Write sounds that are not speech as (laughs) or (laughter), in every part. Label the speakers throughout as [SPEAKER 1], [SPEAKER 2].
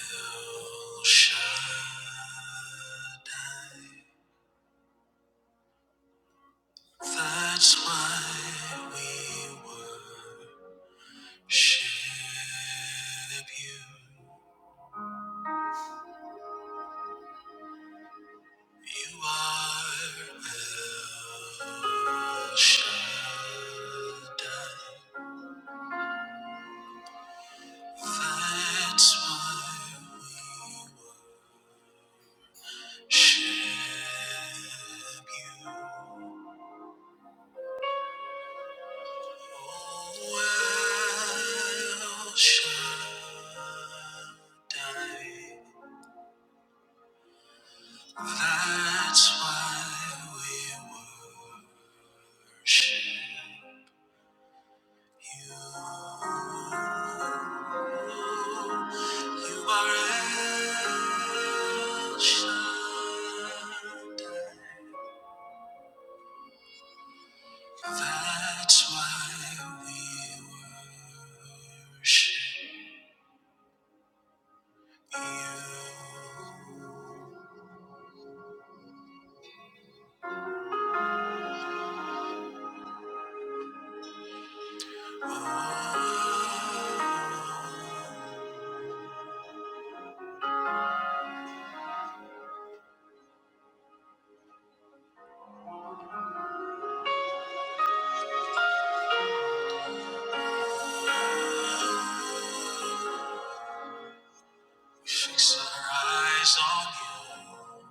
[SPEAKER 1] El Shaddai, That's why we worship you. You are El Shaddai. That's why we worship you. Oh, El Shaddai. That's why we worship you. You are El Shaddai. That's why we worship you. Oh, Fix our eyes on you.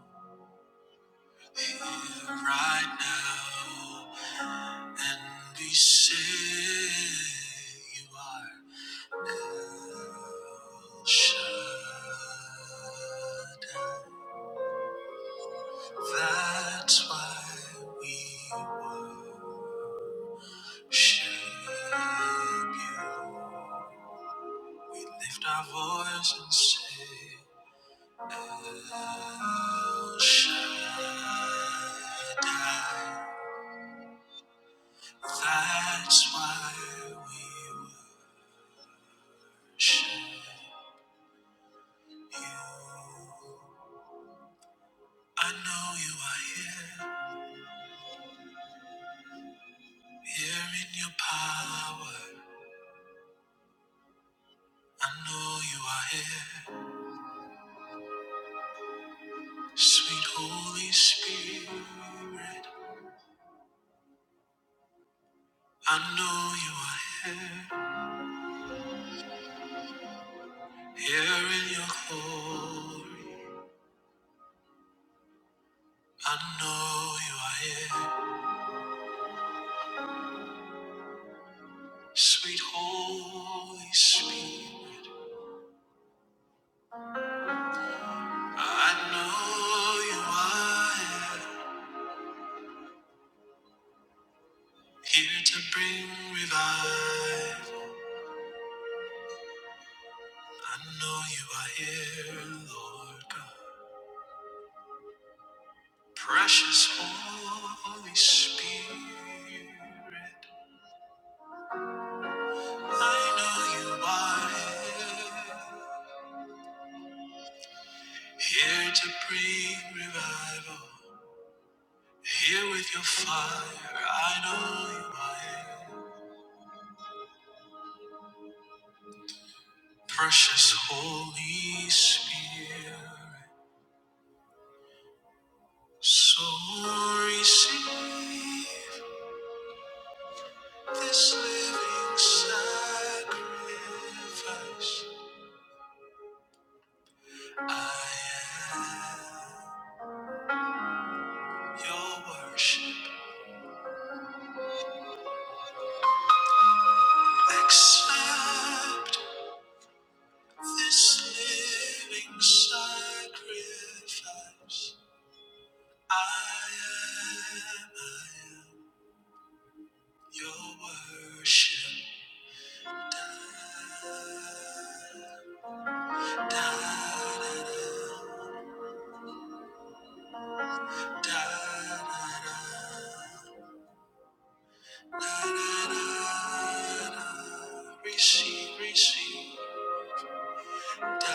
[SPEAKER 1] right now and be saved. You are El Shaddai. That's why we worship you. Lift our voice and say, El Shaddai. That's why we worship Shh. You, I know you are here, here in your power. I know you are here, sweet Holy Spirit. I know you are here, here in your glory. I know you are here, sweet Holy Spirit. I know you are here, here to bring revival. I know you are here, Lord God. Precious Holy Spirit, I know you are here, here to bring revival. Here with your fire, I know you are here. Precious Holy Spirit, so receive this living sacrifice. Your worship, accept this living sacrifice. I am, I am your worship. Da, da, da, da, da, da, da, da, da. Receive, receive. Receive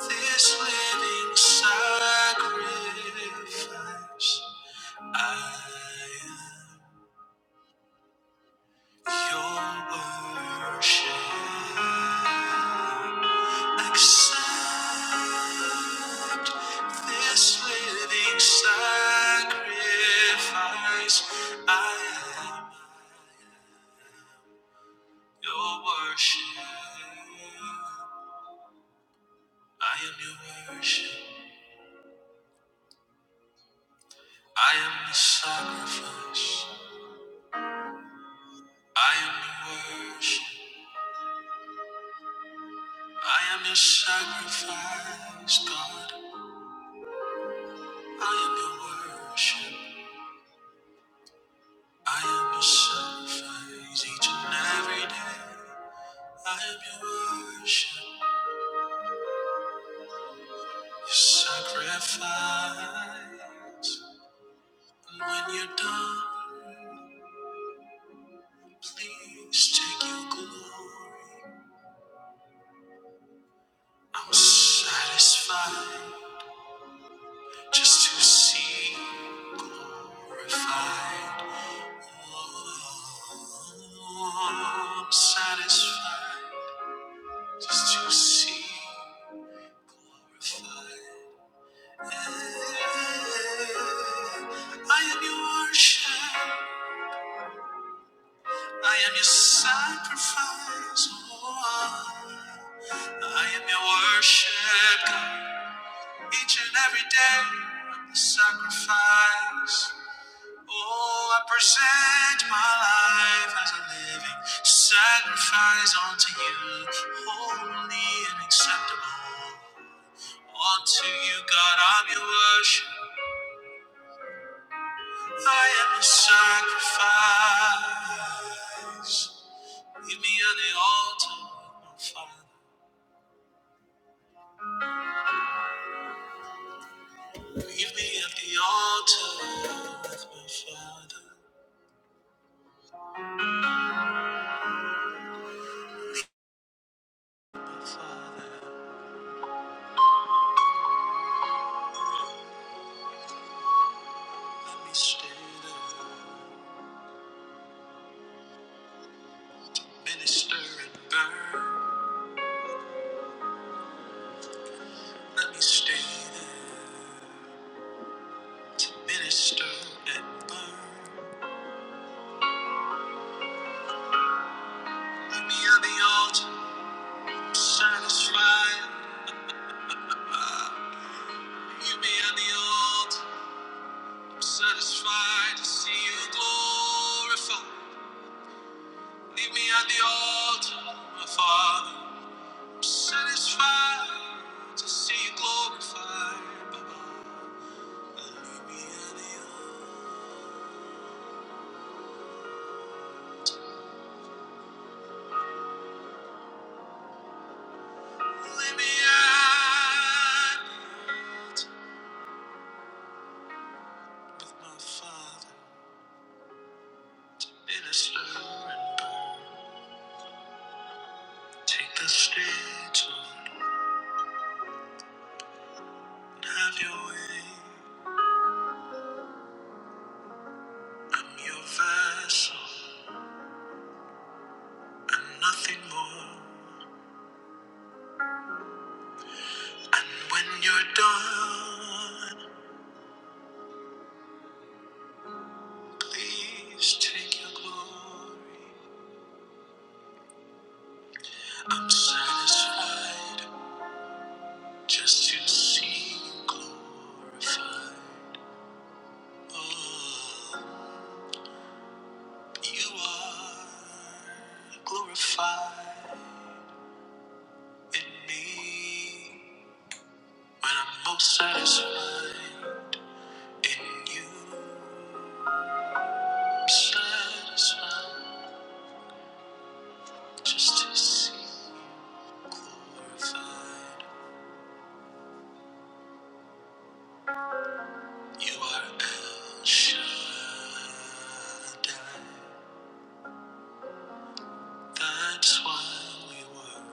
[SPEAKER 1] this living sacrifice. I am your worship. Accept this living sacrifice. I am your worship. I am your worship. I am the sacrifice. I am your worship. I am your sacrifice, God. I am your worship. I am your sacrifice each and every day. I am your worship your sacrifice. And when you're done, please take your glory. I'm satisfied just to see you glorified. Oh, I'm satisfied just to see you glorified. Yeah, I am your worship. I am your sacrifice. Oh, I am your worship, God. Each and every day of the sacrifice. Oh, I present my life as a living sacrifice unto you, holy and acceptable. Unto you, God, I'm your worship. I am your sacrifice. Leave me at the altar, my Father. Leave me at the altar with my father, father. Let me stay there. Minister and burn. Let me stay there. To minister and burn. Let me at the altar. I'm satisfied. Leave me at the altar. I'm satisfied to see you glorified. Leave me at the altar, my father. Satisfied to see you glorified. Baba. Lead me at the altar. me at the altar with my Father. Minister and take the stage, Lord. and Have your way. I'm your vessel and nothing more. And when you're done, please take your glory. I'm satisfied. just to see you glorified. Oh, you are glorified in me when I'm most satisfied in you. I'm satisfied just to see you glorified. You are El Shaddai. That's why we were.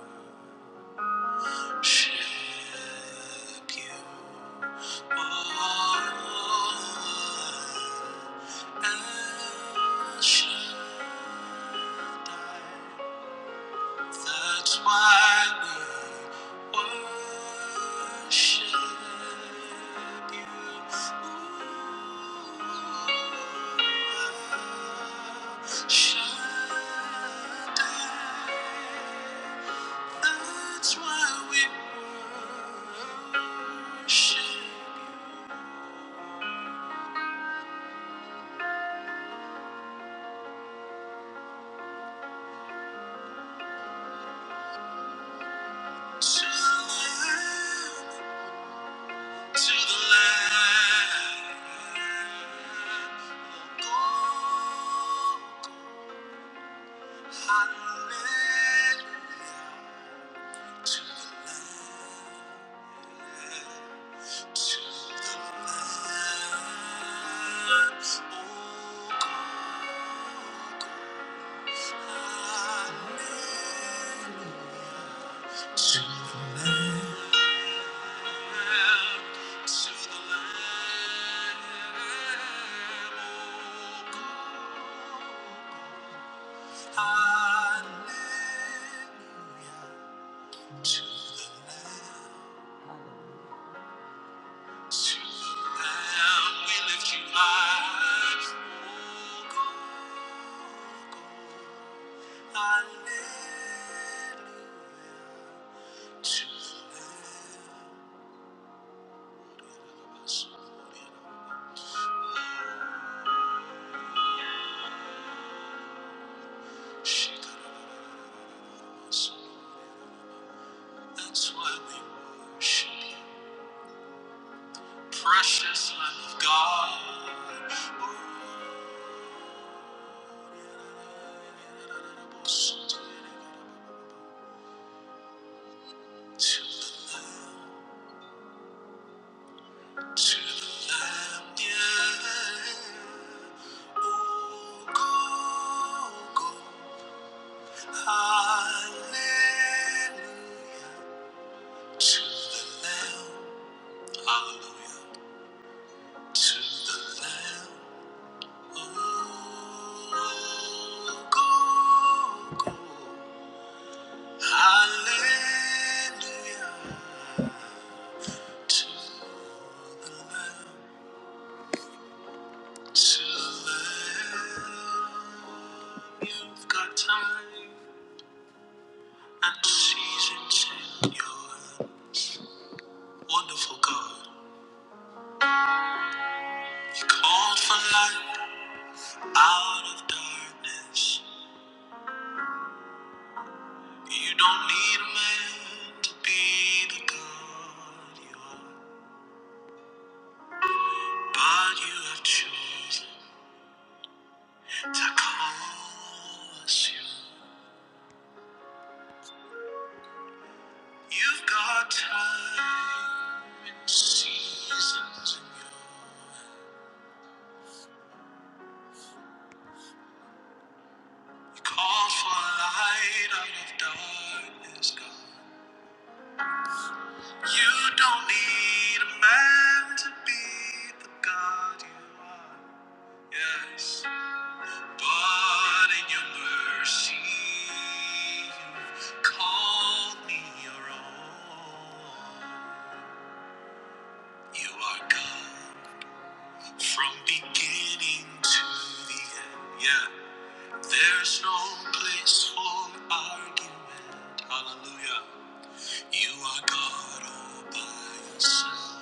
[SPEAKER 1] That's why we worship you. Ooh, Shaddai. That's why we worship to the Lamb, to the Lamb. Go, hallelujah, to the Lamb, to the Lamb. Oh, go, hallelujah. To the Lamb, to the Lamb, oh God, hallelujah. To the Lamb, we lift you high, oh God, hallelujah. To the Lamb, That's why we worship you, precious Lamb of God. To the Lamb, to the Lamb, yeah. Oh, go, go, hallelujah. To the Lamb, hallelujah. To the Lamb, oh, go, go. Hallelujah. To the Lamb, to the Lamb. You've got time and seasons in your wonderful God. You call for light out of darkness. You don't need a man to be the God you are. But you have chosen to call us your. You've got time and seasons in your hand. You call for light out of darkness, God. You don't need a man to be the God you are. Yes. But in your mercy, you've called me your own. You are God from beginning to the end. Yeah, there's no place for argument. Hallelujah. You are God all by yourself.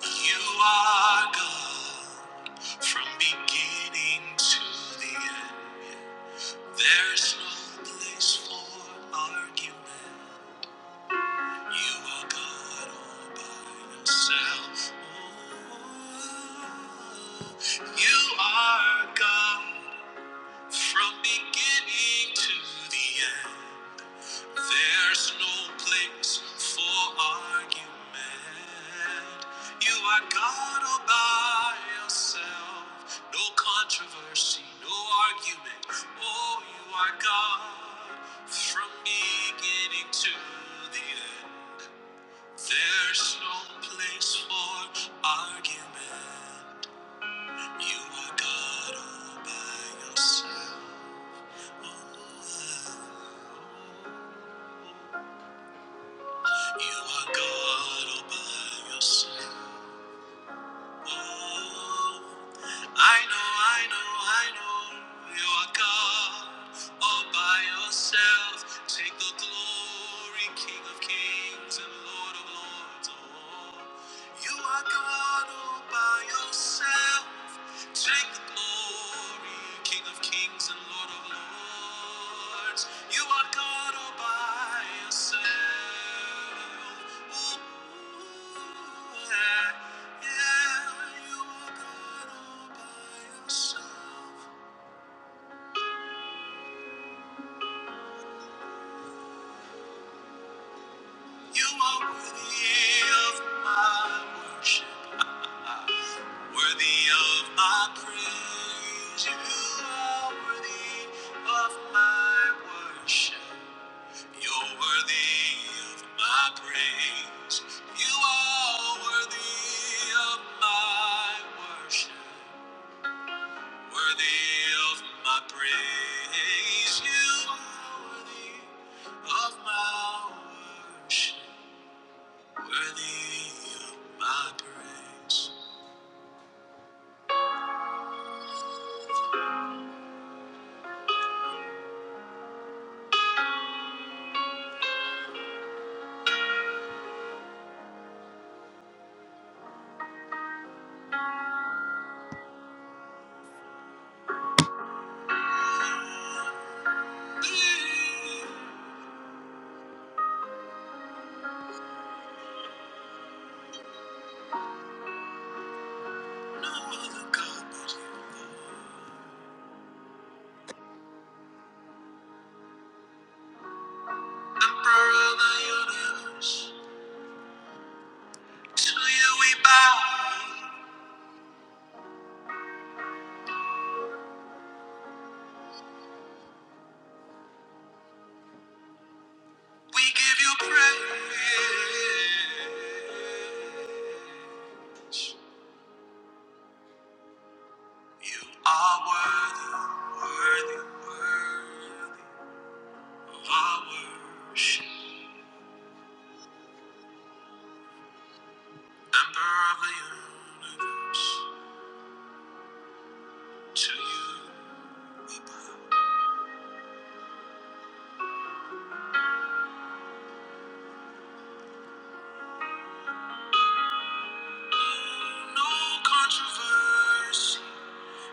[SPEAKER 1] You are God from beginning to the end. There's no place for argument. You are God all by yourself. Ooh, You are God from beginning to the end. There's no place for argument. You are God all by yourself. No controversy, no argument. Oh, you are God from beginning to the end. There's no place for argument. You are God all by yourself. You are God all by yourself. Oh, I know, I know, I know you are God all by yourself. Take the glory, King of kings and Lord of lords. Oh, you are God all by yourself. Take the glory, King of kings and Lord of lords. You are God all by yourself. Ooh, yeah, yeah, you are God all by yourself. You are worthy of my worship, worthy of my praise. You are worthy of my worship. You're worthy of my praise. You are worthy of my worship. Worthy of my praise. You are worthy of my worship. Worthy of my praise. There no other God but you, Lord. Emperor of the universe. To you we bow. We give you praise. You are worthy, worthy, worthy of our worship. Emperor of the universe, to you we bow. No controversy.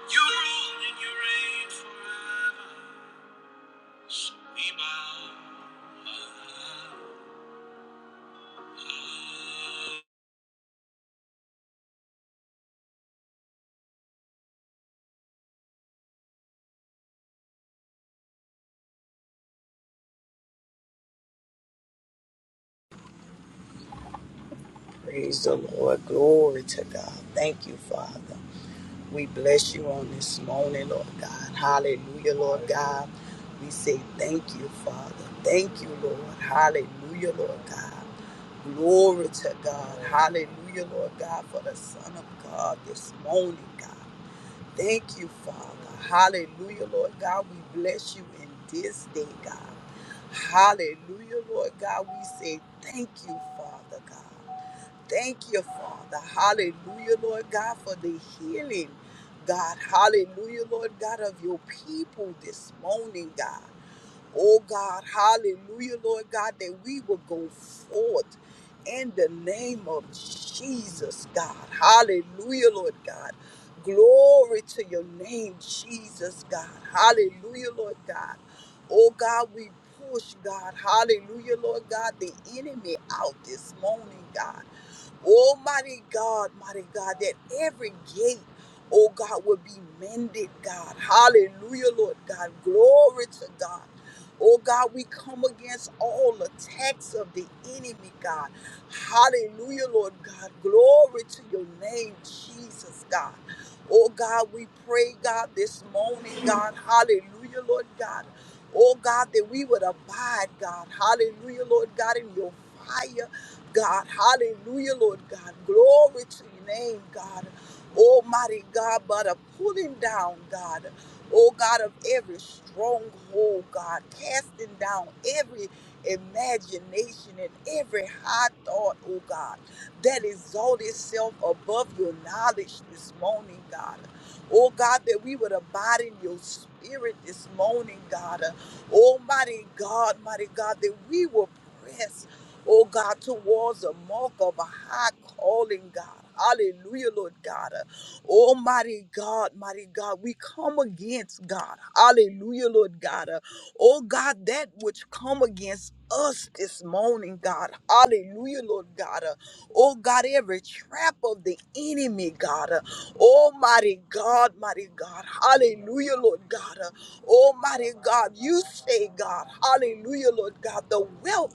[SPEAKER 1] You rule and you reign forever. So we bow.
[SPEAKER 2] Praise the Lord. Glory to God. Thank you, Father. We bless you on this morning, Lord God. Hallelujah, Lord God. We say thank you, Father. Thank you, Lord. Hallelujah, Lord God. Glory to God. Hallelujah, Lord God, for the Son of God this morning, God. Thank you, Father. Hallelujah, Lord God. We bless you in this day, God. Hallelujah, Lord God. We say thank you, Father God. Thank you, Father. Hallelujah, Lord God, for the healing, God. Hallelujah, Lord God, of your people this morning, God. Oh, God. Hallelujah, Lord God, that we will go forth in the name of Jesus, God. Hallelujah, Lord God. Glory to your name, Jesus, God. Hallelujah, Lord God. Oh, God, we push, God. Hallelujah, Lord God, the enemy out this morning, God. Oh, mighty God, mighty God, that every gate, oh God, will be mended, God. Hallelujah, Lord God. Glory to God. Oh God, we come against all attacks of the enemy, God. Hallelujah, Lord God. Glory to your name, Jesus, God. Oh God, we pray, God, this morning, God. Hallelujah, Lord God. Oh God, that we would abide, God. Hallelujah, Lord God, in your fire. God. Hallelujah, Lord God. Glory to your name, God. Almighty God, but a pulling down, God. Oh God of every stronghold, God, casting down every imagination and every high thought, oh God, that exalt itself above your knowledge this morning, God. Oh God, that we would abide in your spirit this morning, God. Almighty God, mighty God, that we will press oh God, towards the mark of a high calling, God. Hallelujah, Lord God. Almighty God, mighty God, we come against God. Hallelujah, Lord God. Oh God, that which come against us this morning, God. Hallelujah, Lord God. Oh God, every trap of the enemy, God. Almighty God, mighty God. Hallelujah, Lord God. Almighty God, you say, God. Hallelujah, Lord God. The wealth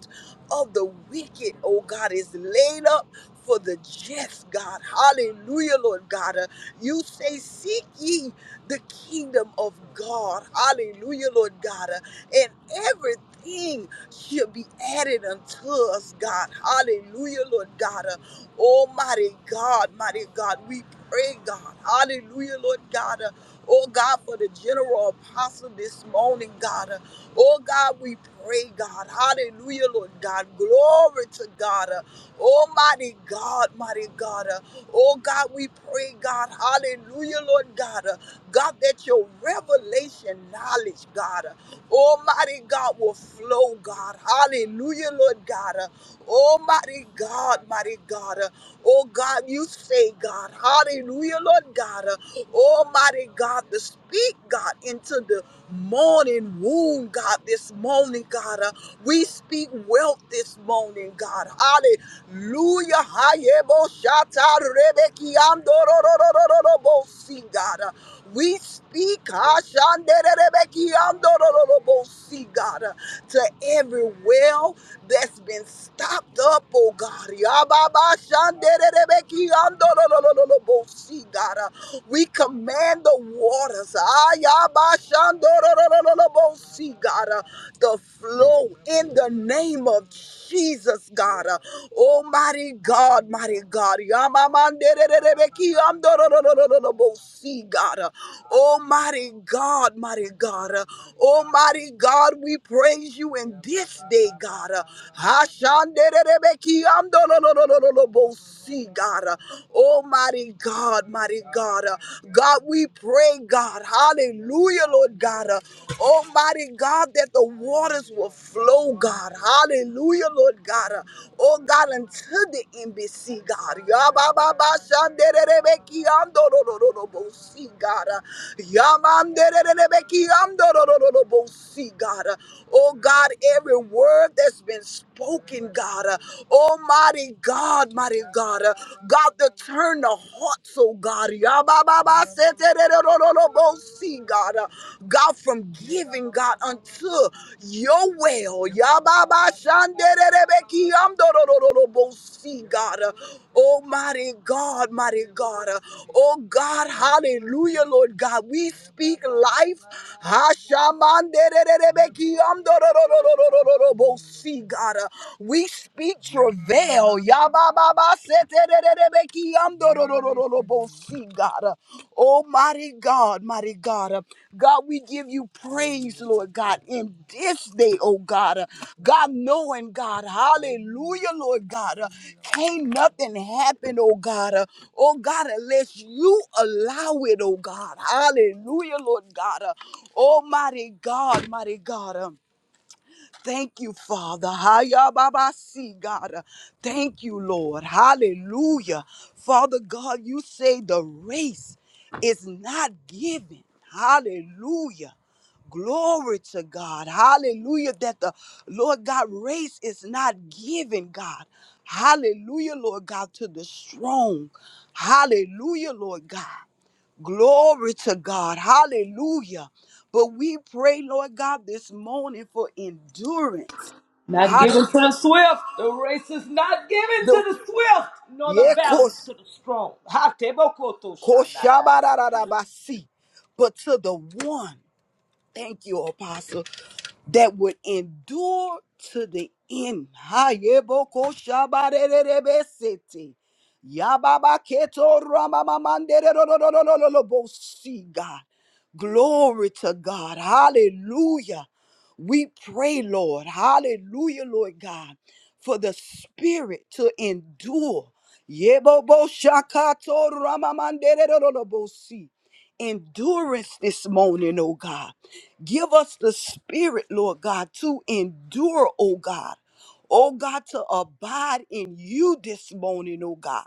[SPEAKER 2] of the wicked, oh God, is laid up for the just, God. Hallelujah, Lord God. Uh, you say, Seek ye the kingdom of God. Hallelujah, Lord God. Uh, and everything should be added unto us, God. Hallelujah, Lord God. Uh, Almighty God, mighty God, we pray, God. Hallelujah, Lord God. Uh, Oh God, for the general apostle this morning, God. Uh, Oh God, we pray, God. Hallelujah, Lord God. Glory to God. Uh, Almighty God, mighty God. Uh, Oh God, we pray, God. Hallelujah, Lord God. Uh, God, that your revelation knowledge, God. Almighty God will flow, God. Hallelujah, Lord God. Uh, Almighty God, mighty God. Uh, Oh God, you say, God. Hallelujah, Lord God. Uh, Almighty God, to speak, God, into the morning womb, God, this morning, God. Uh, we speak wealth this morning, God. Hallelujah. Hayebo shata rebeki andorororororobo, see, God. Uh, we speak Ashanderebekiandorolobosi, God uh, to every well that's been stopped up, oh God. Yababashanderebekiandorolobosi, God uh, we command the waters, Ayabashandorolobosi, God, uh, to flow in the name of Jesus, God. Uh, Almighty God. God, mighty God. Yamamandererebeki amdororororobosi, God. Oh, mighty God, mighty God. Oh, mighty God, we praise you in this day, God. Hashandererebeki amdororororobosi, God. Oh, mighty God, mighty God. God, we pray, God. Hallelujah, Lord God. Almighty God, that the water waters will flow, God. Hallelujah, Lord God. Uh, Oh, God, unto the embassy, God. Yabababasandererebekiandorororobosi, God. Uh, Yamandererebekiandorororobosi, God. Uh, Oh, God, every word that's been spoken, God. Uh, Almighty God, mighty God. Uh, God, to turn the hearts, oh God. God. Uh, God, from giving, God, unto your well. Yababa shandererebeki amdorororobosi, God. Uh, Oh, mighty God, mighty God. Uh, Oh, God, hallelujah, Lord God. We speak life. Hashamandererebeki amdororororobosi, God. Uh, We speak travail. See, God. Oh, mighty God, mighty God. God, we give you praise, Lord God, in this day, oh God. God, knowing God, hallelujah, Lord God. Can't nothing happen, oh God. Oh God, unless you allow it, oh God. Hallelujah, Lord God. Almighty God, mighty God. Thank you, Father. Hayababasi, God. Thank you, Lord. Hallelujah. Father God, you say the race is not given. Hallelujah. Glory to God. Hallelujah. That the Lord God race is not given, God. Hallelujah, Lord God, to the strong. Hallelujah, Lord God. Glory to God. Hallelujah. But we pray, Lord God, this morning for endurance.
[SPEAKER 1] Not given
[SPEAKER 2] Hallelujah.
[SPEAKER 1] to the swift. The race is not given to
[SPEAKER 2] The-
[SPEAKER 1] the swift, nor the
[SPEAKER 2] yeah,
[SPEAKER 1] battle
[SPEAKER 2] kos-
[SPEAKER 1] to the strong. Ha, tebokoto shandarasi.
[SPEAKER 2] koshabarararabasi. But to the one, thank you, Apostle. that would endure to the end. Hayeboko shabarerebesete. Yababa keto ramamamandererororororobosi, God. Glory to God. Hallelujah. We pray, Lord. Hallelujah, Lord God, for the spirit to endure. Yebobo shakato ramamandererororobosi. Endurance this morning, oh God. Give us the spirit, Lord God, to endure, oh God. Oh God, to abide in you this morning, oh God.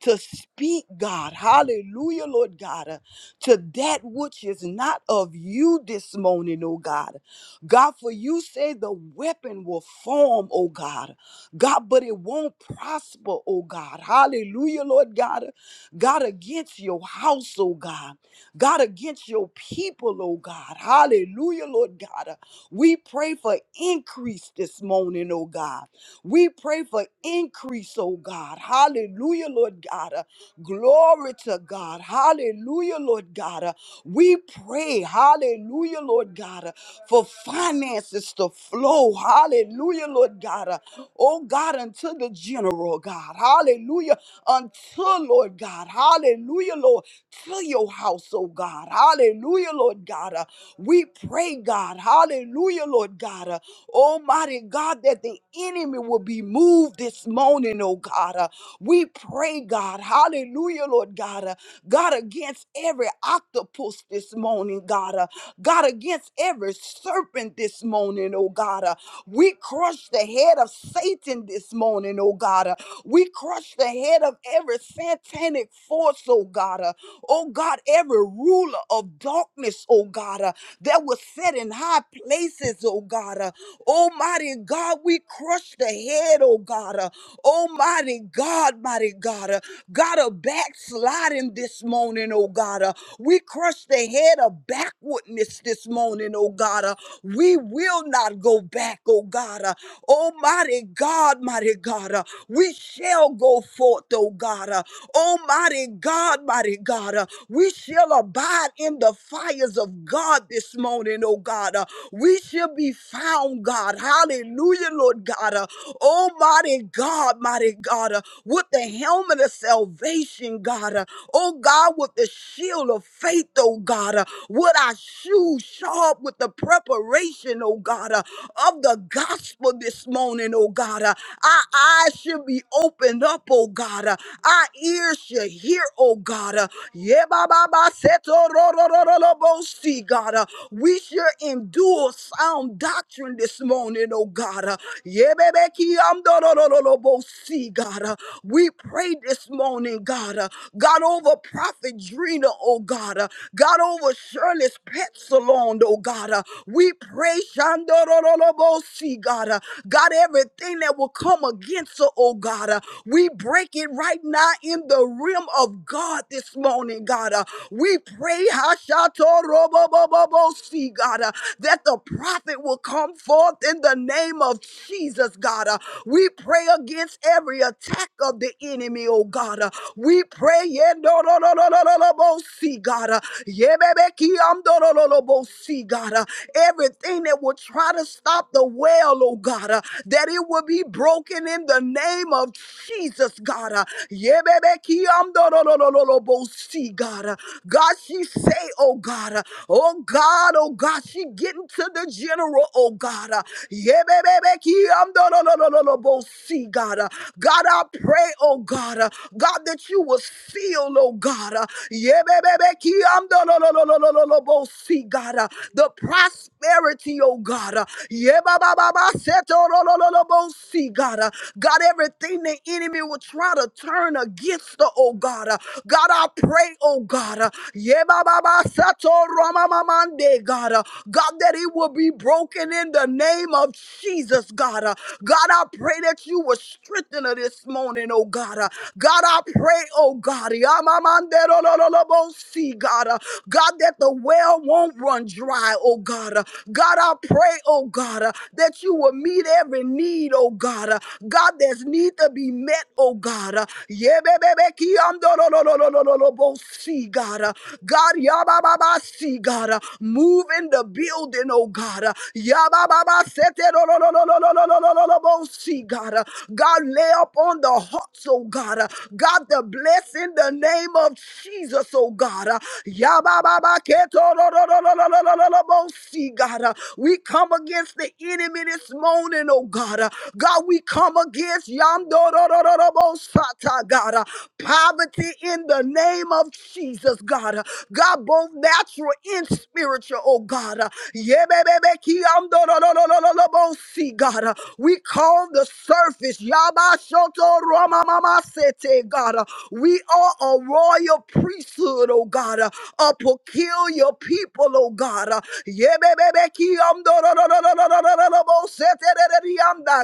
[SPEAKER 2] To speak, God, hallelujah, Lord God, uh, to that which is not of you this morning, oh God. God, for you say the weapon will form, oh God. God, but it won't prosper, oh God. Hallelujah, Lord God. uh, God, against your house, oh God. God, against your people, oh God. Hallelujah, Lord God. Uh, We pray for increase this morning, oh God. We pray for increase, oh God. Hallelujah, Lord God. Uh, Glory to God. Hallelujah, Lord God. Uh, We pray, hallelujah, Lord God, uh, for finances to flow. Hallelujah, Lord God. Uh, Oh God, unto the general, God. Hallelujah. Until, Lord God. Hallelujah, Lord. Fill your house, oh God. Hallelujah, Lord God. Uh, we pray, God. Hallelujah, Lord God. Uh, Almighty God, that the enemy will be moved this morning, oh God. Uh, we pray, God. Hallelujah, Lord God. Uh, God, against every octopus this morning, God. Uh, God, against every serpent this morning, oh God. Uh, we crush the head of Satan this morning, oh God. Uh, we crush the head of every satanic force, oh God. Uh, oh God, every ruler of darkness, oh God, uh, that was set in high places, oh God. Uh, Almighty God, we crush the head, oh God. Uh, Almighty God, mighty God, uh, God of backsliding this morning, oh God. Uh, we crush the head of backwardness this morning, oh God. Uh, we will not go back, oh God. Uh, Almighty God, mighty God. Uh, we shall go forth, oh God. Uh, Almighty God, mighty God. Uh, we shall abide in the fires of God this morning, oh God. Uh, we shall be found, God. Hallelujah, Lord God. Uh, Almighty God, mighty God. Uh, with the helmet of salvation, God. Uh, oh God, with the shield of faith, oh God. Uh, with our shoes sharp with the preparation declaration, oh God, uh, of the gospel this morning, oh God. Uh, Our eyes should be opened up, oh God. Uh, Our ears should hear, oh God. Uh, yeah, ba, ba, ba, seto, ro, ro, ro, ro, ro, bo, see, God. Uh, We should endure sound doctrine this morning, oh God. Uh, yeah, baby, ki, am, do, ro, ro, ro, ro, bo, see, God. Uh, We pray this morning, God. Uh, God over Prophet Drina, oh God. Uh, God over Shirley's pet salon, oh God. Uh, We we pray, Shandorolobosi, God. uh, God, everything that will come against her, oh God, uh, we break it right now in the realm of God this morning, God. uh, We pray, Hashatorobobobobosi, God, uh, that the prophet will come forth in the name of Jesus, God. uh, We pray against every attack of the enemy, oh God. uh, We pray, Yendorololobosi, God. uh, Yebebeki amdorololobosi, God. uh, everything that will try to stop the well, oh God, uh, that it will be broken in the name of Jesus, God. uh, Yebebekiamdororororobosi, God, uh, God, she say, oh God, uh, oh God, oh God, she getting to the general, oh God. uh, Yebebebekiamdororororobosi, God, uh, God, I pray, oh God, uh, God, that you will seal, oh God, uh, Yebebebekiamdororororobosi, God, uh, the process prosperity, oh God. Uh, yeah, ba, ba, ba, ba, set, oh, lo, lo, lo, lo, bo, see, God. Uh, God, everything the enemy will try to turn against the oh God. Uh, God, I pray, oh God. Uh, yeah, ba, ba, ba, set, oh, ro, ma, ma, mande, God. Uh, God, that it will be broken in the name of Jesus, God. Uh, God, I pray that you will strengthen her this morning, oh God. Uh, God, I pray, oh God. yeah, ma, ma, de, lo, lo, lo, lo, bo, see, God. Uh, God, that the well won't run dry, oh God. God. Uh, God, I pray, oh God, uh, that you will meet every need, oh God. Uh, God, there's need to be met, oh God. Uh, yeah, be- be- be- ki- am- do- lo lo lo lo lo lo lo bo- See, God. Uh, God, yeah, ba- ba- ba- see, God. Uh, Move in the building, oh God. Uh, yeah, ba- ba- ba- se- te- lo lo lo lo lo lo do- do- do- do- bo- See, God. Uh, God, lay up on the hearts, oh God. Uh, God, the bless in the name of Jesus, oh God. Uh, Yabababa keto see, God. Uh, we come against the enemy this morning, oh God. Uh, God, we come against Yamdorororobosata, God. Uh, poverty in the name of Jesus, God. Uh, God, both natural and spiritual, oh God. Uh, Yebebebekiyamdororororobosi, God. Uh, we call the surface. Yabashoto Romamasete, God. Uh, we are a royal priesthood, oh God. Uh, a peculiar people, oh God. Uh,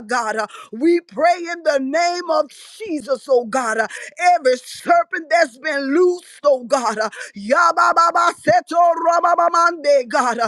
[SPEAKER 2] God. We pray in the name of Jesus, oh God. Every serpent that's been loosed, oh God. Yabababaseto God.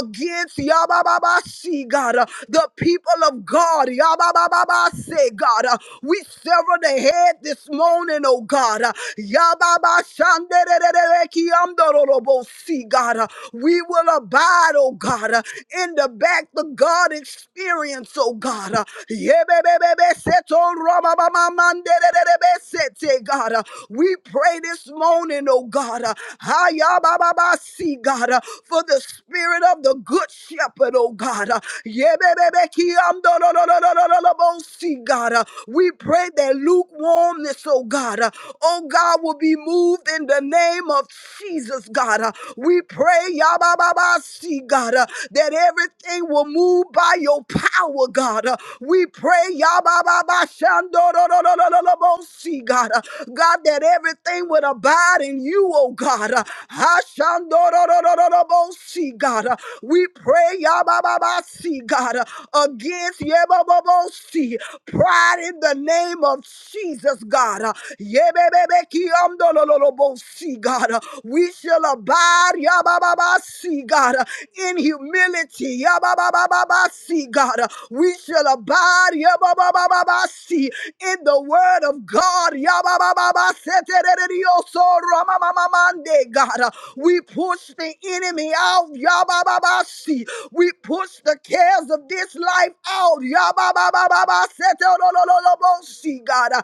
[SPEAKER 2] Against Yabababasi, God. The people of God. Yabababase, God. We sever the head this morning, oh God. Yababashandererereki amdororobosi, God. We will abide. God, oh God, uh, in the back, the God experience, oh God. uh, Yebebebebeseto robabamamandedededebesete, God, uh, we pray this morning, oh God, uh, hayabababasi, God, uh, for the spirit of the good shepherd, oh God. uh, yebebebekiamdododododododolobosi, God, uh, we pray that lukewarmness, oh God, uh, oh God, will be moved in the name of Jesus, God. Uh, We pray, see, God, uh, that everything will move by your power, God. Uh, we pray, Yabababashandorororororobosi, God, uh, God, that everything would abide in you, oh God. Uh, Hashandororororobosi, God, uh, we pray, Yabababasi, God, uh, against Yebababosi, pride in the name of Jesus, God. Uh, Yebebebekiamdololobosi, God, uh, we shall abide, Yabababasi, God, uh, in humility. Yeah, ba, ba, ba, ba, ba, see God, we shall abide yeah, ba, ba, ba, ba, ba, see in the word of God. Yeah, ba, ba, ba, ba, se, te, re re Yababababaseterereoso, ramamamamande, God, we push the enemy out. Yeah, ba, ba, ba, see we push the cares of this life out. Yababababaseterolololobosi, God, our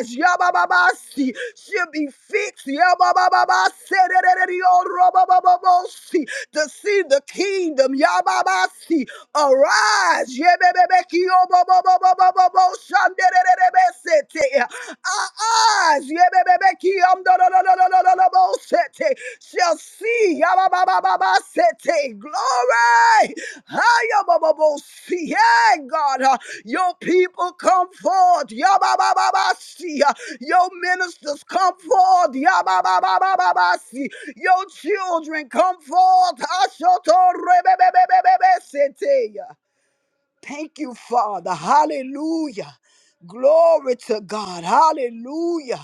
[SPEAKER 2] eyes yabababasi, should be fixed. Yeah, ba, ba, ba, ba, se, re re Yababababasi, to see the kingdom. Yababasi, arise. Yebebebekiyoboboboboboboboshandererebesete. Our eyes yebebebekiyomdododododododobosete, shall see Yabababababasete. glory. Hayabababosi. Yeah, God, uh, your people come forth. Yababababasi. Your ministers come forth. Yabababababasi. Your children come forth. Ashotorebebebebebesete. Thank you, Father. Hallelujah. Glory to God. Hallelujah.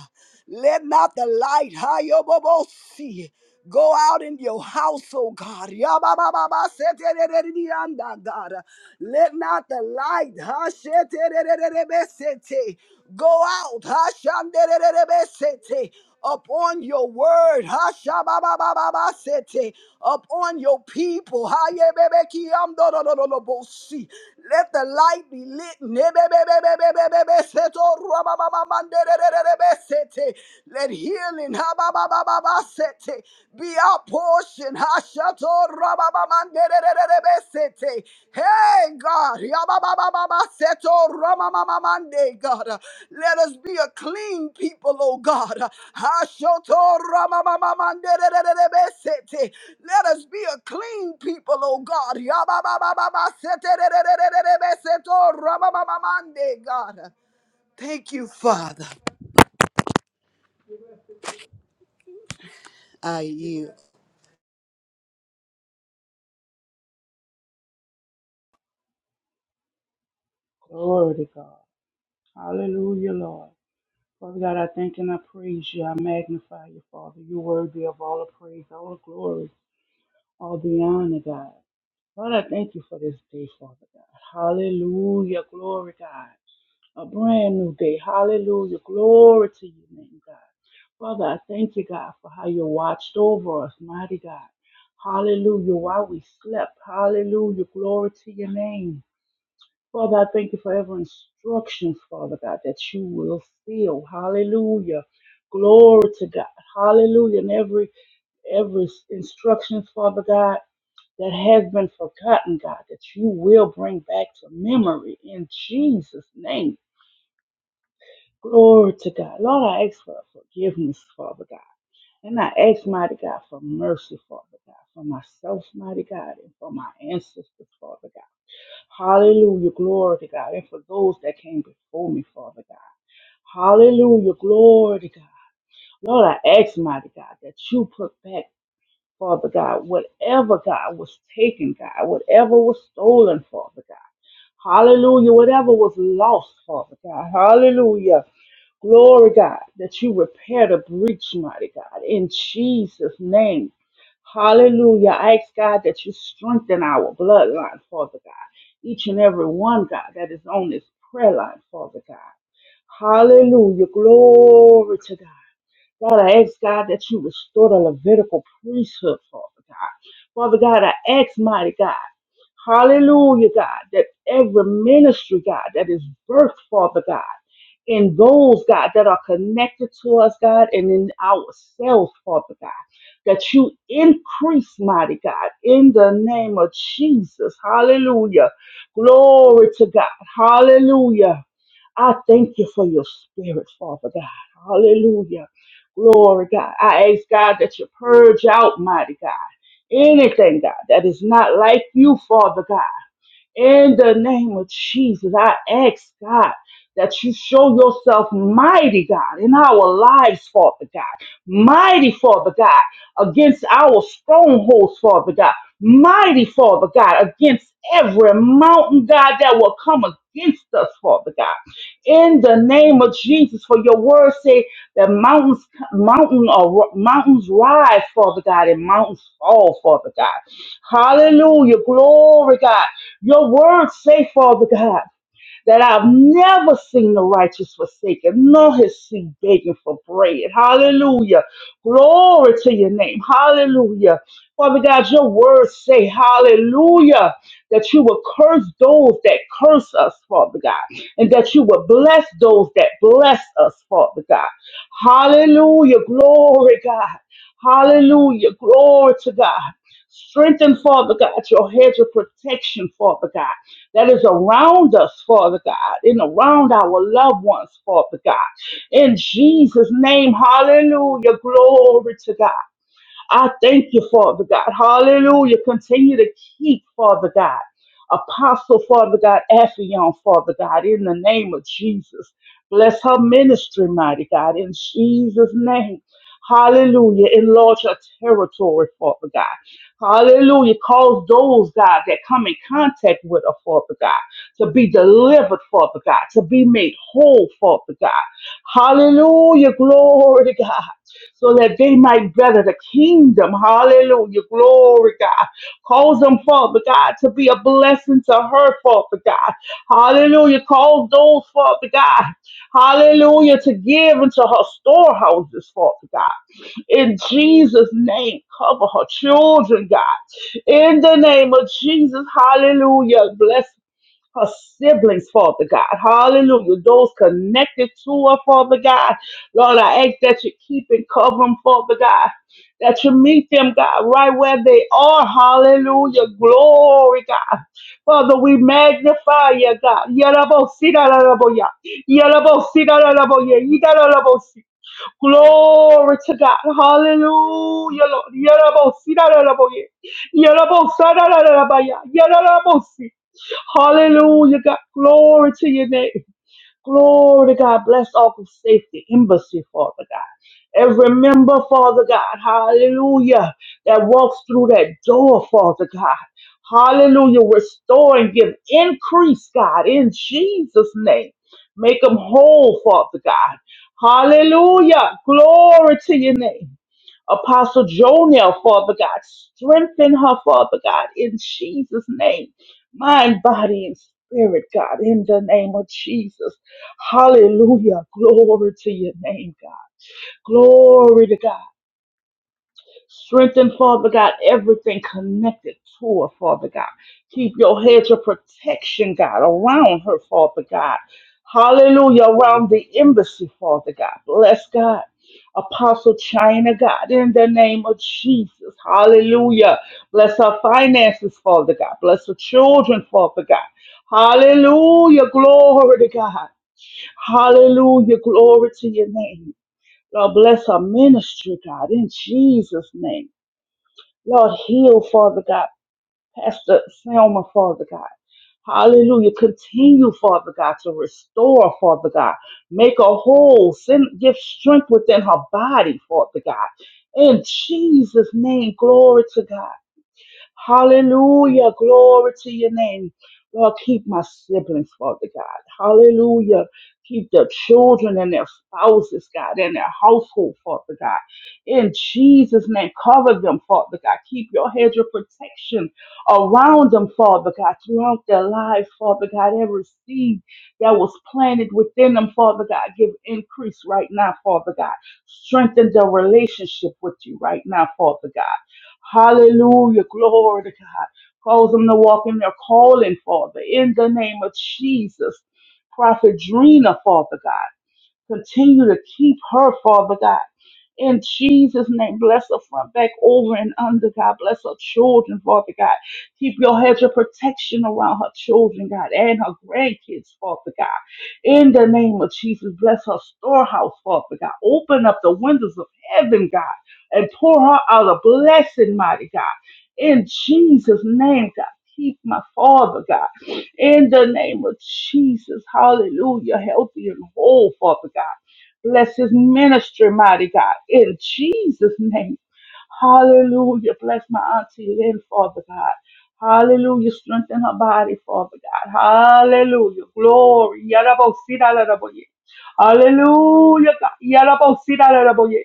[SPEAKER 2] Let not the light Hayobobosi, go out in your house, oh God. Yabababaseterereredianda, God. Let not the light Hasheterererebesete, go out. Hashandererebesete upon your word, Hashababababasete, upon your people. Hayebebekiamdodododolobosi. Let the light be lit. Nebebebebebebebebeseto rubababamanderererebesete. Let healing hababababasete, be our portion. Hashato Hey God, Yabababababaseto ramamamamande, God, let us be a clean people, oh God. Hashoto ramamamamandererebesete. Let us be a clean people, oh God. Yabababababaseterererebeseto ramamamamande, God. Thank you, Father. I yield.
[SPEAKER 3] Glory to God. Hallelujah, Lord. Father God, I thank and I praise you. I magnify you, Father. You're worthy of all the praise, all the glory, all the honor, God. Lord, I thank you for this day, Father God. Hallelujah. Glory, God. A brand new day. Hallelujah. Glory to your name, God. Father, I thank you, God, for how you watched over us, mighty God. Hallelujah. While we slept. Hallelujah. Glory to your name. Father, I thank you for every instruction, Father God, that you will fill. Hallelujah. Glory to God. Hallelujah. And every every instruction, Father God, that has been forgotten, God, that you will bring back to memory in Jesus' name. Glory to God. Lord, I ask for forgiveness, Father God. And I ask, mighty God, for mercy, Father God, for myself, mighty God, and for my ancestors, Father God. Hallelujah. Glory to God. And for those that came before me, Father God. Hallelujah. Glory to God. Lord, I ask, mighty God, that you put back, Father God, whatever, God, was taken, God, whatever was stolen, Father God. Hallelujah. Whatever was lost, Father God. Hallelujah. Glory, God, that you repair the breach, mighty God, in Jesus' name. Hallelujah. I ask, God, that you strengthen our bloodline, Father God. Each and every one, God, that is on this prayer line, Father God. Hallelujah. Glory to God. God, I ask, God, that you restore the Levitical priesthood, Father God. Father God, I ask, mighty God. Hallelujah, God, that every ministry, God, that is birthed, Father God in those, God, that are connected to us, God, and in ourselves, Father God. That you increase, mighty God, in the name of Jesus. Hallelujah. Glory to God. Hallelujah. I thank you for your spirit, Father God. Hallelujah. Glory, God. I ask, God, that you purge out, mighty God, anything, God, that is not like you, Father God. In the name of Jesus, I ask God that you show yourself mighty, God, in our lives, Father God. Mighty, Father God, against our strongholds, Father God. Mighty, Father God, against every mountain, God, that will come against us, Father God. In the name of Jesus, for your word say that mountains, mountain or mountains rise, Father God, and mountains fall, Father God. Hallelujah, glory, God. Your word say, Father God, that I've never seen the righteous forsaken, nor his seed begging for bread. Hallelujah. Glory to your name. Hallelujah. Father God, your words say, hallelujah, that you will curse those that curse us, Father God, and that you will bless those that bless us, Father God. Hallelujah. Glory, God. Hallelujah. Glory to God. Strengthen, Father God, your hedge of protection, Father God that is around us, Father God, and around our loved ones, Father God. In Jesus' name, hallelujah. Glory to God. I thank you, Father God. Hallelujah. Continue to keep, Father God. Apostle, Father God, Affion, Father God, in the name of Jesus. Bless her ministry, mighty God, in Jesus' name. Hallelujah. Enlarge her territory, Father God. Hallelujah. Cause those, God, that come in contact with her, Father God, to be delivered, Father God, to be made whole, Father God. Hallelujah. Glory to God so that they might gather the kingdom. Hallelujah. Glory, God. Cause them, Father God, to be a blessing to her, Father God. Hallelujah. Cause those, Father God, hallelujah, to give into her storehouses, Father God. In Jesus' name, cover her children, God. In the name of Jesus, hallelujah. Bless her siblings, Father God. Hallelujah. Those connected to her, Father God. Lord, I ask that you keep and cover them, Father God. That you meet them, God, right where they are. Hallelujah. Glory, God. Father, we magnify you, God. Yalabosita, lalaboya. Yalabosita, lalaboya. Glory to God. Hallelujah, Lord. Yerabosi, da, da, da, bo, ye. Yerabosa, da, da, da, da, ba, ya. Yerabosi. Hallelujah, God. Glory to your name. Glory to God. Bless Ark of Safety Embassy, Father God. Every member, Father God, hallelujah, that walks through that door, Father God. Hallelujah. Restore and give increase, God, in Jesus' name. Make them whole, Father God. Hallelujah. Glory to your name. Apostle Jonel, Father God. Strengthen her, Father God, in Jesus' name. Mind, body, and spirit, God, in the name of Jesus. Hallelujah. Glory to your name, God. Glory to God. Strengthen, Father God, everything connected to her, Father God. Keep your hedge of protection, God, around her, Father God. Hallelujah, around the embassy, Father God. Bless God. Apostle China, God, in the name of Jesus. Hallelujah. Bless her finances, Father God. Bless her children, Father God. Hallelujah. Glory to God. Hallelujah. Glory to your name. Lord, bless our ministry, God, in Jesus' name. Lord, heal, Father God. Pastor Selma, Father God. Hallelujah. Continue, Father God, to restore, Father God. Make her whole. Send, give strength within her body, Father God. In Jesus' name, glory to God. Hallelujah. Glory to your name. Lord, keep my siblings, Father God. Hallelujah. Keep their children and their spouses, God, and their household, Father God. In Jesus' name, cover them, Father God. Keep your hedge of protection around them, Father God, throughout their lives, Father God. Every seed that was planted within them, Father God, give increase right now, Father God. Strengthen their relationship with you right now, Father God. Hallelujah. Glory to God. Cause them to walk in their calling, Father, in the name of Jesus. Prophet Drina, Father God. Continue to keep her, Father God. In Jesus' name, bless her front, back, over, and under, God. Bless her children, Father God. Keep your hedge of protection around her children, God, and her grandkids, Father God. In the name of Jesus, bless her storehouse, Father God. Open up the windows of heaven, God, and pour her out a blessing, mighty God. In Jesus' name, God. Keep my father, God in the name of Jesus. Hallelujah. Healthy and whole, Father God. Bless his ministry, mighty God, in Jesus' name. Hallelujah. Bless my auntie Lynn, Father God. Hallelujah. Strengthen her body, Father God. Hallelujah. Glory. Yarabosidalaraboye. Hallelujah. God. Yarabosidalaraboye.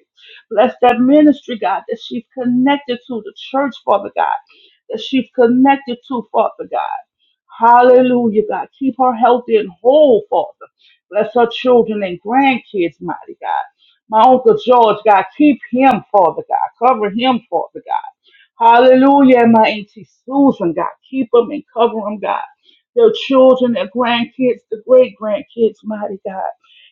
[SPEAKER 3] Bless that ministry, God, that she's connected to the church, Father God, that she's connected to, Father God. Hallelujah, God. Keep her healthy and whole, Father. Bless her children and grandkids, mighty God. My Uncle George, God, keep him, Father God. Cover him, Father God. Hallelujah. And my Auntie Susan, God, keep them and cover them, God. Their children, their grandkids, the great grandkids, mighty God.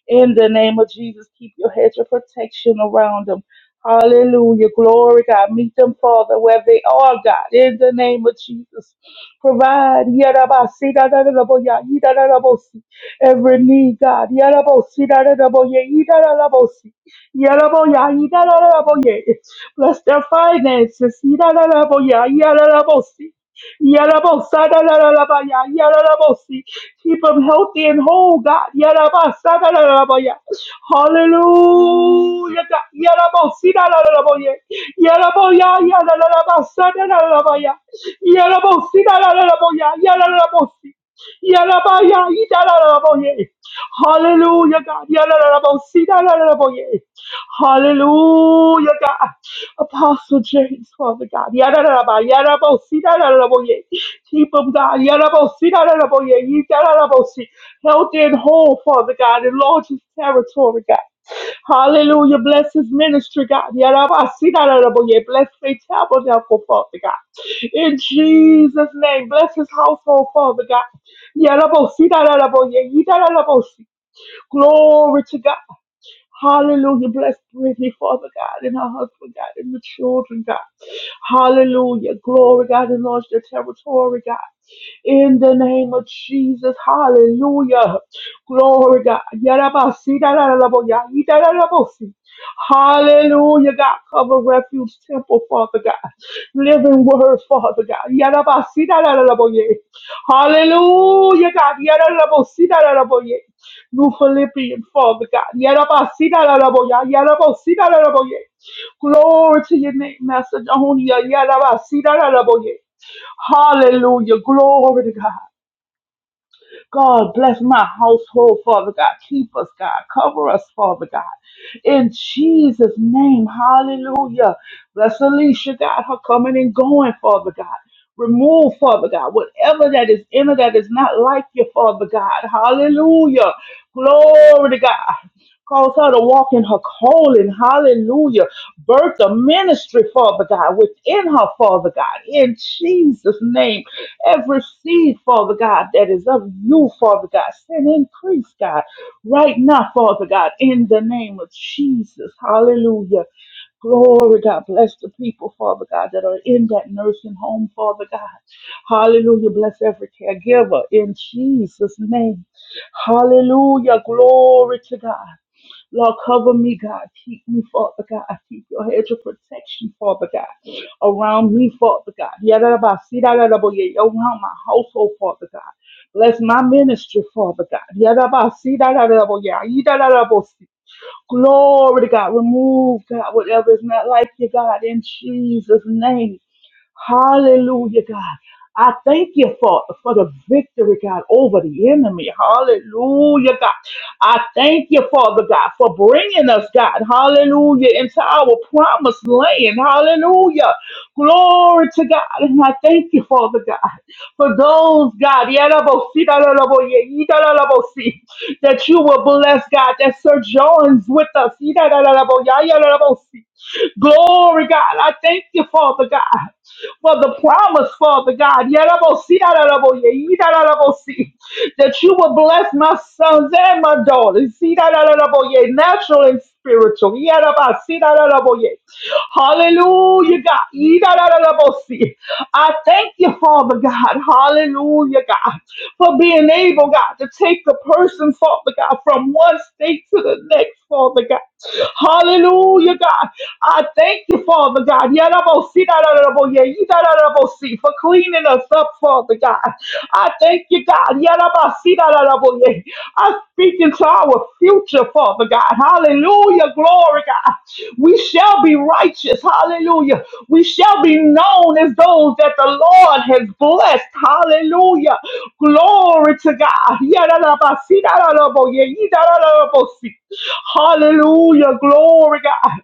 [SPEAKER 3] In the name of Jesus, keep your hedge of protection around them. Hallelujah. Glory, God. Meet them, Father, where they are, God. In the name of Jesus. Provide yarabasi da da da da bo ya da da da si. Every need, God yarabosi da da da bo ye da da da bo si. Yarabo ya da da da bo Bless their finances. Da da da bo ya si. Yarabosa da da da da ba ya si. Keep them healthy and whole, God. Yaraba, sadaraba, ya. Hallelujah, God. Yaraba, sidaraba, ya. Yaraba, ya, yadaraba, sadaraba, ya. Yaraba, sidaraba, ya. Yaraba, si- yaraba, ya, idaraba, ya. Hallelujah, God. Yaraba, sidaraba, ya. Hallelujah, God. Apostle James, Father God. Yararaba, yarabosi, yararaboye. Keep him, God. Yarabosi, yararaboye. Ye- yararabosi. Healthy and whole, Father God. Enlarge his territory, God. Hallelujah. Bless his ministry, God. Yarabasi, yararaboye. Bless their tabernacle, Father God. In Jesus' name, bless his household, Father God. Yarabosi, yararaboye. Ye- yararabosi. Glory to God. Hallelujah. Bless Brittany, Father God, and her husband, God, and the children, God. Hallelujah. Glory, God, and launch their territory, God. In the name of Jesus. Hallelujah. Glory, God. Yarabasi, dararabo, yahi, dararabosi. Hallelujah, God. Cover refuge temple, Father God. Living word, Father God. Yarabasi, dararabo, yeh. Hallelujah, God. Yararabosi, dararabo, yeh. New Philippians, Father God. La La La Yarabasiraraboya, yarabosiraraboye. Glory to your name, Master Jehonia. Yarabasiraraboye. Hallelujah. Glory to God. God, bless my household, Father God. Keep us, God. Cover us, Father God. In Jesus' name, hallelujah. Bless Alicia, God, her coming and going, Father God. Remove, Father God, whatever that is in her that is not like you, Father God. Hallelujah. Glory to God. Cause her to walk in her calling. Hallelujah. Birth the ministry, Father God, within her, Father God. In Jesus' name. Every seed, Father God, that is of you, Father God, send increase, God, right now, Father God, in the name of Jesus. Hallelujah. Glory, God. Bless the people, Father God, that are in that nursing home, Father God. Hallelujah. Bless every caregiver in Jesus' name. Hallelujah. Glory to God. Lord, cover me, God. Keep me, Father God. Keep your hedge of protection, Father God. Around me, Father God. Yeah, da da da Yadabasidarabo- Around my household, Father God. Bless my ministry, Father God. Yeah, da da da da Yadabasidarabo- Yadabasi. Glory to God. Remove, God, whatever is not like you, God, in Jesus' name. Hallelujah, God. I thank you, Father, for the victory, God, over the enemy. Hallelujah, God. I thank you, Father God, for bringing us, God, hallelujah, into our promised land, hallelujah. Glory to God. And I thank you, Father God, for those, God, (laughs) yadabo-si, dadadabo-ye, yidadadabo-si, that you will bless, God, that Sir John's with us. (laughs) yidadadabo-ya, Glory, God. I thank you, Father God for the promise, Father God. (laughs) Yarabosi, yarabo, ye, That you will will bless my sons and my daughters. See that natural and spiritual. Yeah, da, ba, see that Hallelujah, God. Yeah, da, da, da, see. I thank you, Father God. Hallelujah, God, for being able, God, to take the person, Father God, from one state to the next, Father God. Hallelujah, God. I thank you, Father God. Yeah, da, bo, see, da, da, da, bo, yeah, yeah, da, da, see, For cleaning us up, Father God. I thank Thank you, God. Yarabasidararaboye. I speak into our future, Father God. Hallelujah. Glory, God. We shall be righteous. Hallelujah. We shall be known as those that the Lord has blessed. Hallelujah. Glory to God. Yarabasidararaboye. Yidararabosi. Hallelujah. Glory, God.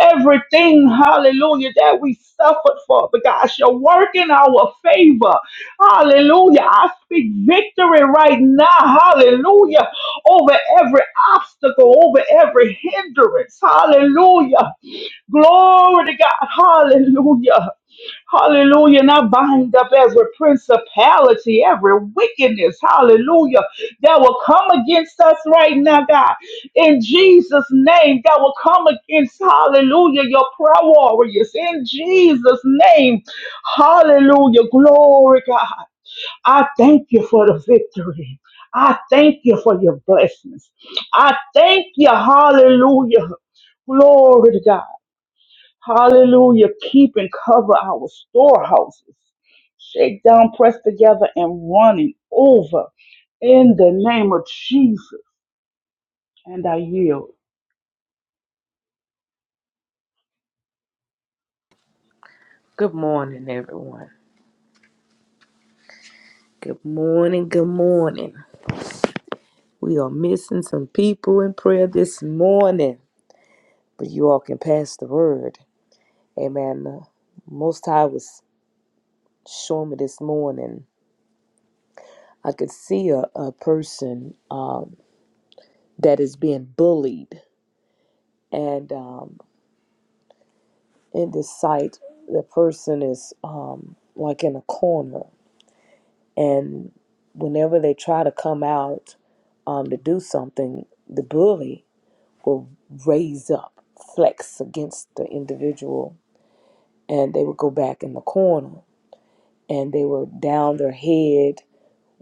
[SPEAKER 3] Everything, hallelujah, that we suffered, Father God, shall work in our favor. Hallelujah. I speak victory right now. Hallelujah. Over every obstacle, over every hindrance. Hallelujah. Glory to God. Hallelujah. Hallelujah. And I bind up every principality, every wickedness. Hallelujah. That will come against us right now, God. In Jesus' name, that will come against, hallelujah, your prayer warriors. In Jesus' name. Hallelujah. Glory, God. I thank you for the victory. I thank you for your blessings. I thank you. Hallelujah. Glory to God. Hallelujah. Keep and cover our storehouses. Shake down, pressed together, and running over in the name of Jesus. And I yield.
[SPEAKER 1] Good morning, everyone. Good morning. Good morning. We are missing some people in prayer this morning, but you all can pass the word. Amen. Most High was showing me this morning. I could see a, a person um, that is being bullied, and um, in the sight, the person is um, like in a corner, and whenever they try to come out um, to do something, the bully will raise up, flex against the individual, and they would go back in the corner, and they were down their head,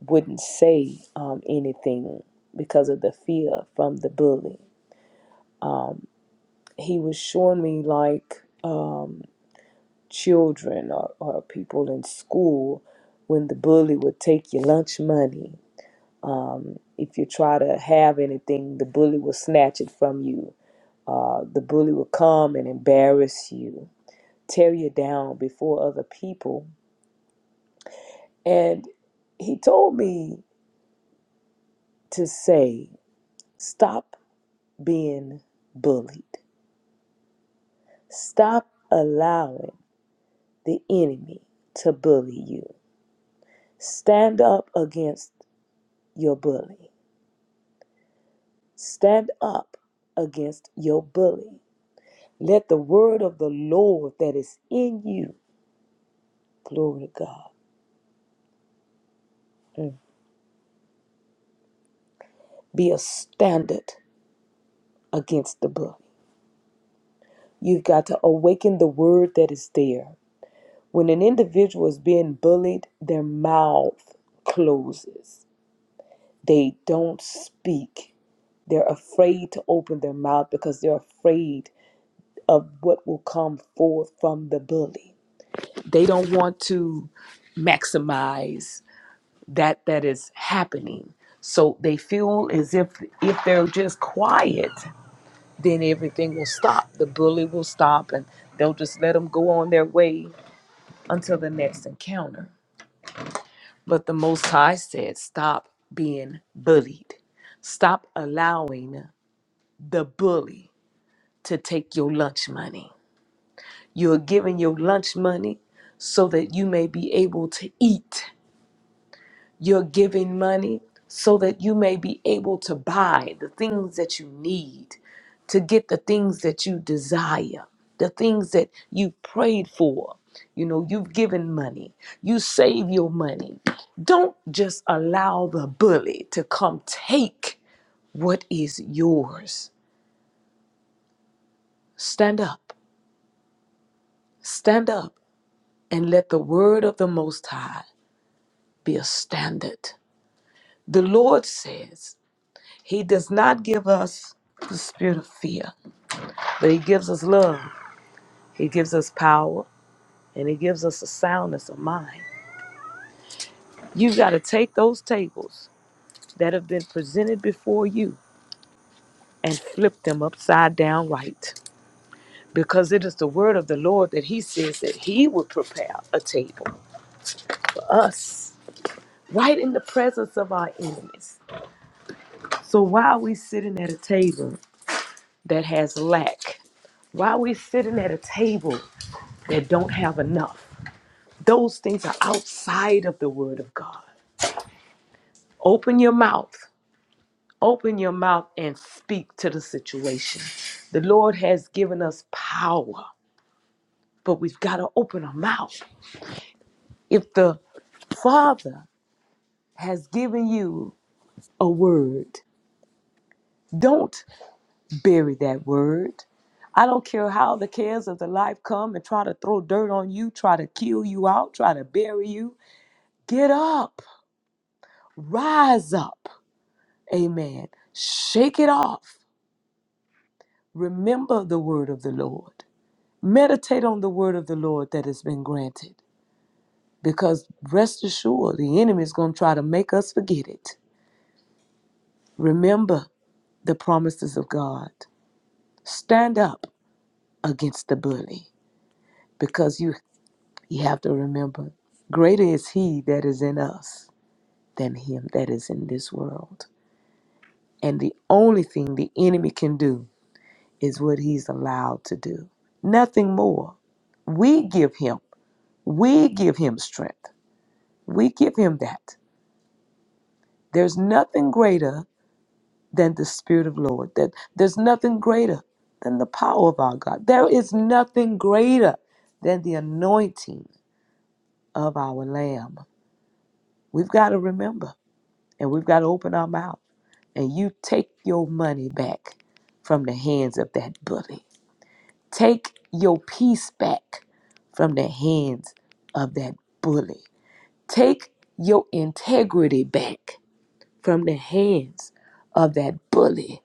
[SPEAKER 1] wouldn't say um, anything because of the fear from the bully. He was showing me like. um, children or, or people in school when the bully would take your lunch money. Um, if you try to have anything, the bully will snatch it from you. Uh, the bully will come and embarrass you, tear you down before other people. And he told me to say, stop being bullied. Stop allowing the enemy to bully you. Stand up against your bully Stand up against your bully. Let the word of the Lord that is in you, glory to God, mm, be a standard against the bully. You've got to awaken the word that is there. When an individual is being bullied, their mouth closes. They don't speak. They're afraid to open their mouth because they're afraid of what will come forth from the bully. they don't want to maximize that that is happening so they feel as if if they're just quiet then everything will stop the bully will stop and they'll just let them go on their way until the next encounter but the most high said stop being bullied stop allowing the bully to take your lunch money you're giving your lunch money so that you may be able to eat You're giving money so that you may be able to buy the things that you need, to get the things that you desire, the things that you prayed for. You know, you've given money, you save your money. Don't just allow the bully to come take what is yours. Stand up, stand up, and let the word of the Most High be a standard. The Lord says, He does not give us the spirit of fear, but He gives us love. He gives us power and He gives us a soundness of mind. You have got to take those tables that have been presented before you and flip them upside down right. Because it is the word of the Lord that He says that He would prepare a table for us right in the presence of our enemies. So why are we sitting at a table that has lack? Why are we sitting at a table that don't have enough? Those things are outside of the word of God. Open your mouth. Open your mouth and speak to the situation. The Lord has given us power, but we've got to open our mouth. If the Father has given you a word, don't bury that word. I don't care how the cares of the life come and try to throw dirt on you, try to kill you out, try to bury you. Get up, rise up. Amen. Shake it off. Remember the word of the Lord. Meditate on the word of the Lord that has been granted. Because rest assured, the enemy is going to try to make us forget it. Remember the promises of God. Stand up against the bully because you, you have to remember greater is he that is in us than him that is in this world. And the only thing the enemy can do is what he's allowed to do, nothing more. We give him, we give him strength. We give him that. There's nothing greater than the Spirit of Lord. That there's nothing greater than the power of our God. There is nothing greater than the anointing of our Lamb. We've got to remember and we've got to open our mouth. And you take your money back from the hands of that bully. Take your peace back from the hands of that bully. Take your integrity back from the hands of that bully.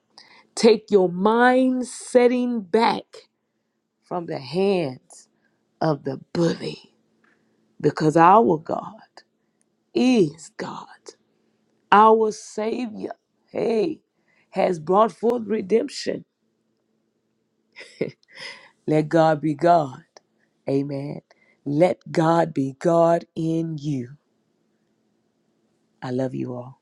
[SPEAKER 1] Take your mind setting back from the hands of the bully because our God is God. Our Savior, hey, has brought forth redemption. Let God be God. Amen. Let God be God in you. I love you all.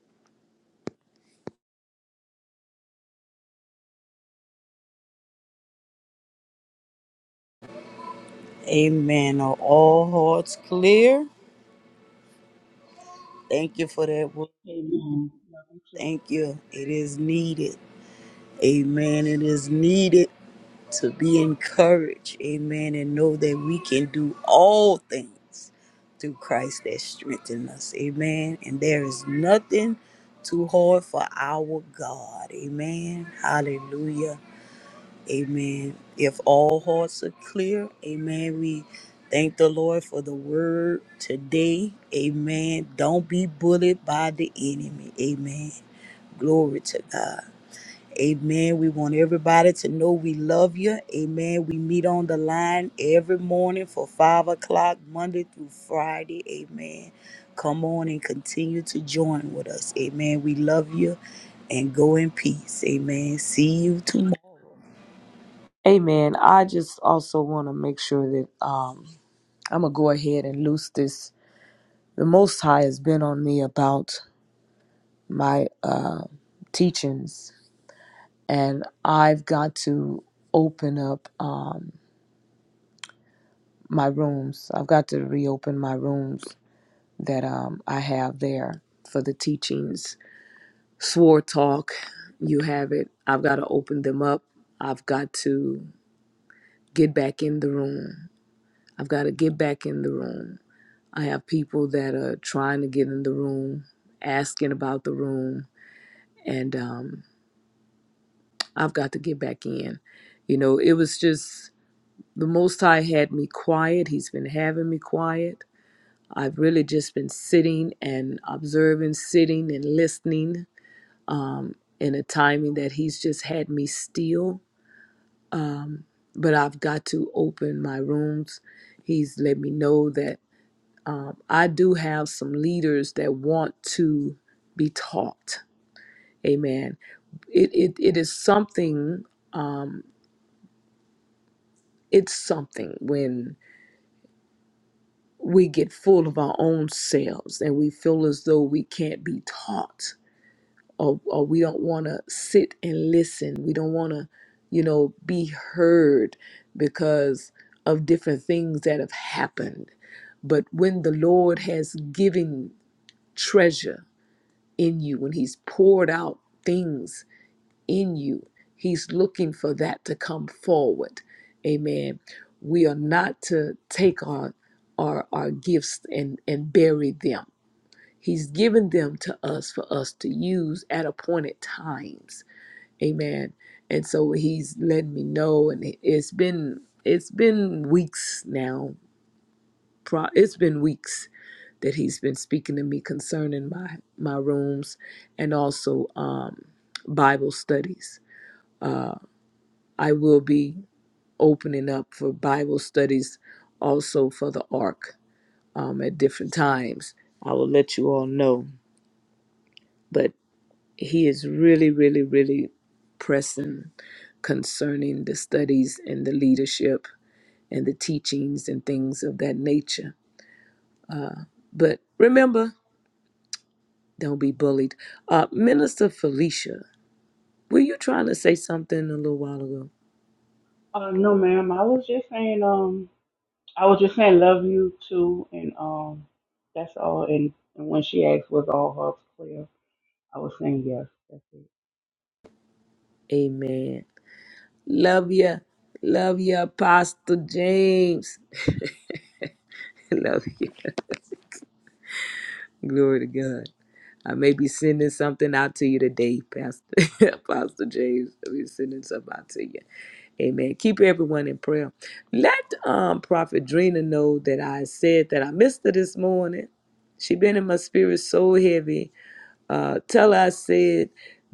[SPEAKER 2] Amen. Are all hearts clear? Thank you for that word.
[SPEAKER 3] Amen. Love you too.
[SPEAKER 2] Thank you. It is needed. Amen. It is needed to be encouraged. Amen. And know that we can do all things through Christ that strengthens us. Amen. And there is nothing too hard for our God. Amen. Hallelujah. Amen. If all hearts are clear, amen. We thank the Lord for the word today. Amen. Don't be bullied by the enemy. Amen. Glory to God. Amen. We want everybody to know we love you. Amen. We meet on the line every morning for five o'clock, Monday through Friday. Amen. Come on and continue to join with us. Amen. We love you and go in peace. Amen. See you tomorrow.
[SPEAKER 1] Amen. I just also want to make sure that um, I'm going to go ahead and loose this the Most High has been on me about my uh, teachings, and I've got to open up um, my rooms. I've got to reopen my rooms that um, I have there for the teachings. Swore Talk, you have it. I've got to open them up. I've got to get back in the room. I've got to get back in the room. I have people that are trying to get in the room, asking about the room, and um, I've got to get back in. You know, it was just the Most High had me quiet. He's been having me quiet. I've really just been sitting and observing, sitting and listening um, in a timing that He's just had me still. Um, but I've got to open my rooms. He's let me know that um, I do have some leaders that want to be taught. Amen. It, it, it is something. Um, It's something when we get full of our own selves and we feel as though we can't be taught or, or we don't want to sit and listen. We don't want to, you know, be heard because of different things that have happened. But when the Lord has given treasure in you, when He's poured out things in you. He's looking for that to come forward. Amen. We are not to take our our, our gifts and, and bury them. He's given them to us for us to use at appointed times. Amen. And so he's letting me know and it- it's been it's been weeks now. Pro- It's been weeks that he's been speaking to me concerning my my rooms and also um Bible studies. I will be. opening up for Bible studies also for the Ark um, at different times. I will let you all know. But he is really, really, really pressing concerning the studies and the leadership and the teachings and things of that nature. But remember, don't be bullied. Uh, Minister Felicia, were you trying to say something a little while ago?
[SPEAKER 3] Uh, no, ma'am. I was just saying, um, I was just saying, love you too, and um, that's all. And, and when she asked, was all her prayer. I was saying yes. That's it.
[SPEAKER 1] Amen. Love you. Love you, Apostle James. (laughs) Love you. Glory to God. I may be sending something out to you today, Pastor (laughs) Apostle James. I'll be sending something out to you. Amen. Keep everyone in prayer. Let um Prophet Drina know that I said that I missed her this morning. She been in my spirit so heavy. Uh tell her I said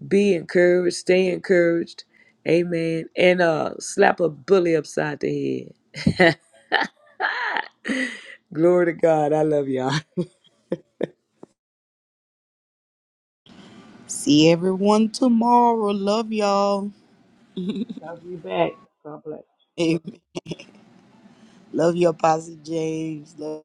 [SPEAKER 1] be encouraged, stay encouraged. Amen. And uh slap a bully upside the head. Glory to God. I love y'all. (laughs)
[SPEAKER 2] See everyone tomorrow. Love y'all.
[SPEAKER 3] Love you back. God bless.
[SPEAKER 2] (laughs) Love you, Apostle James. Love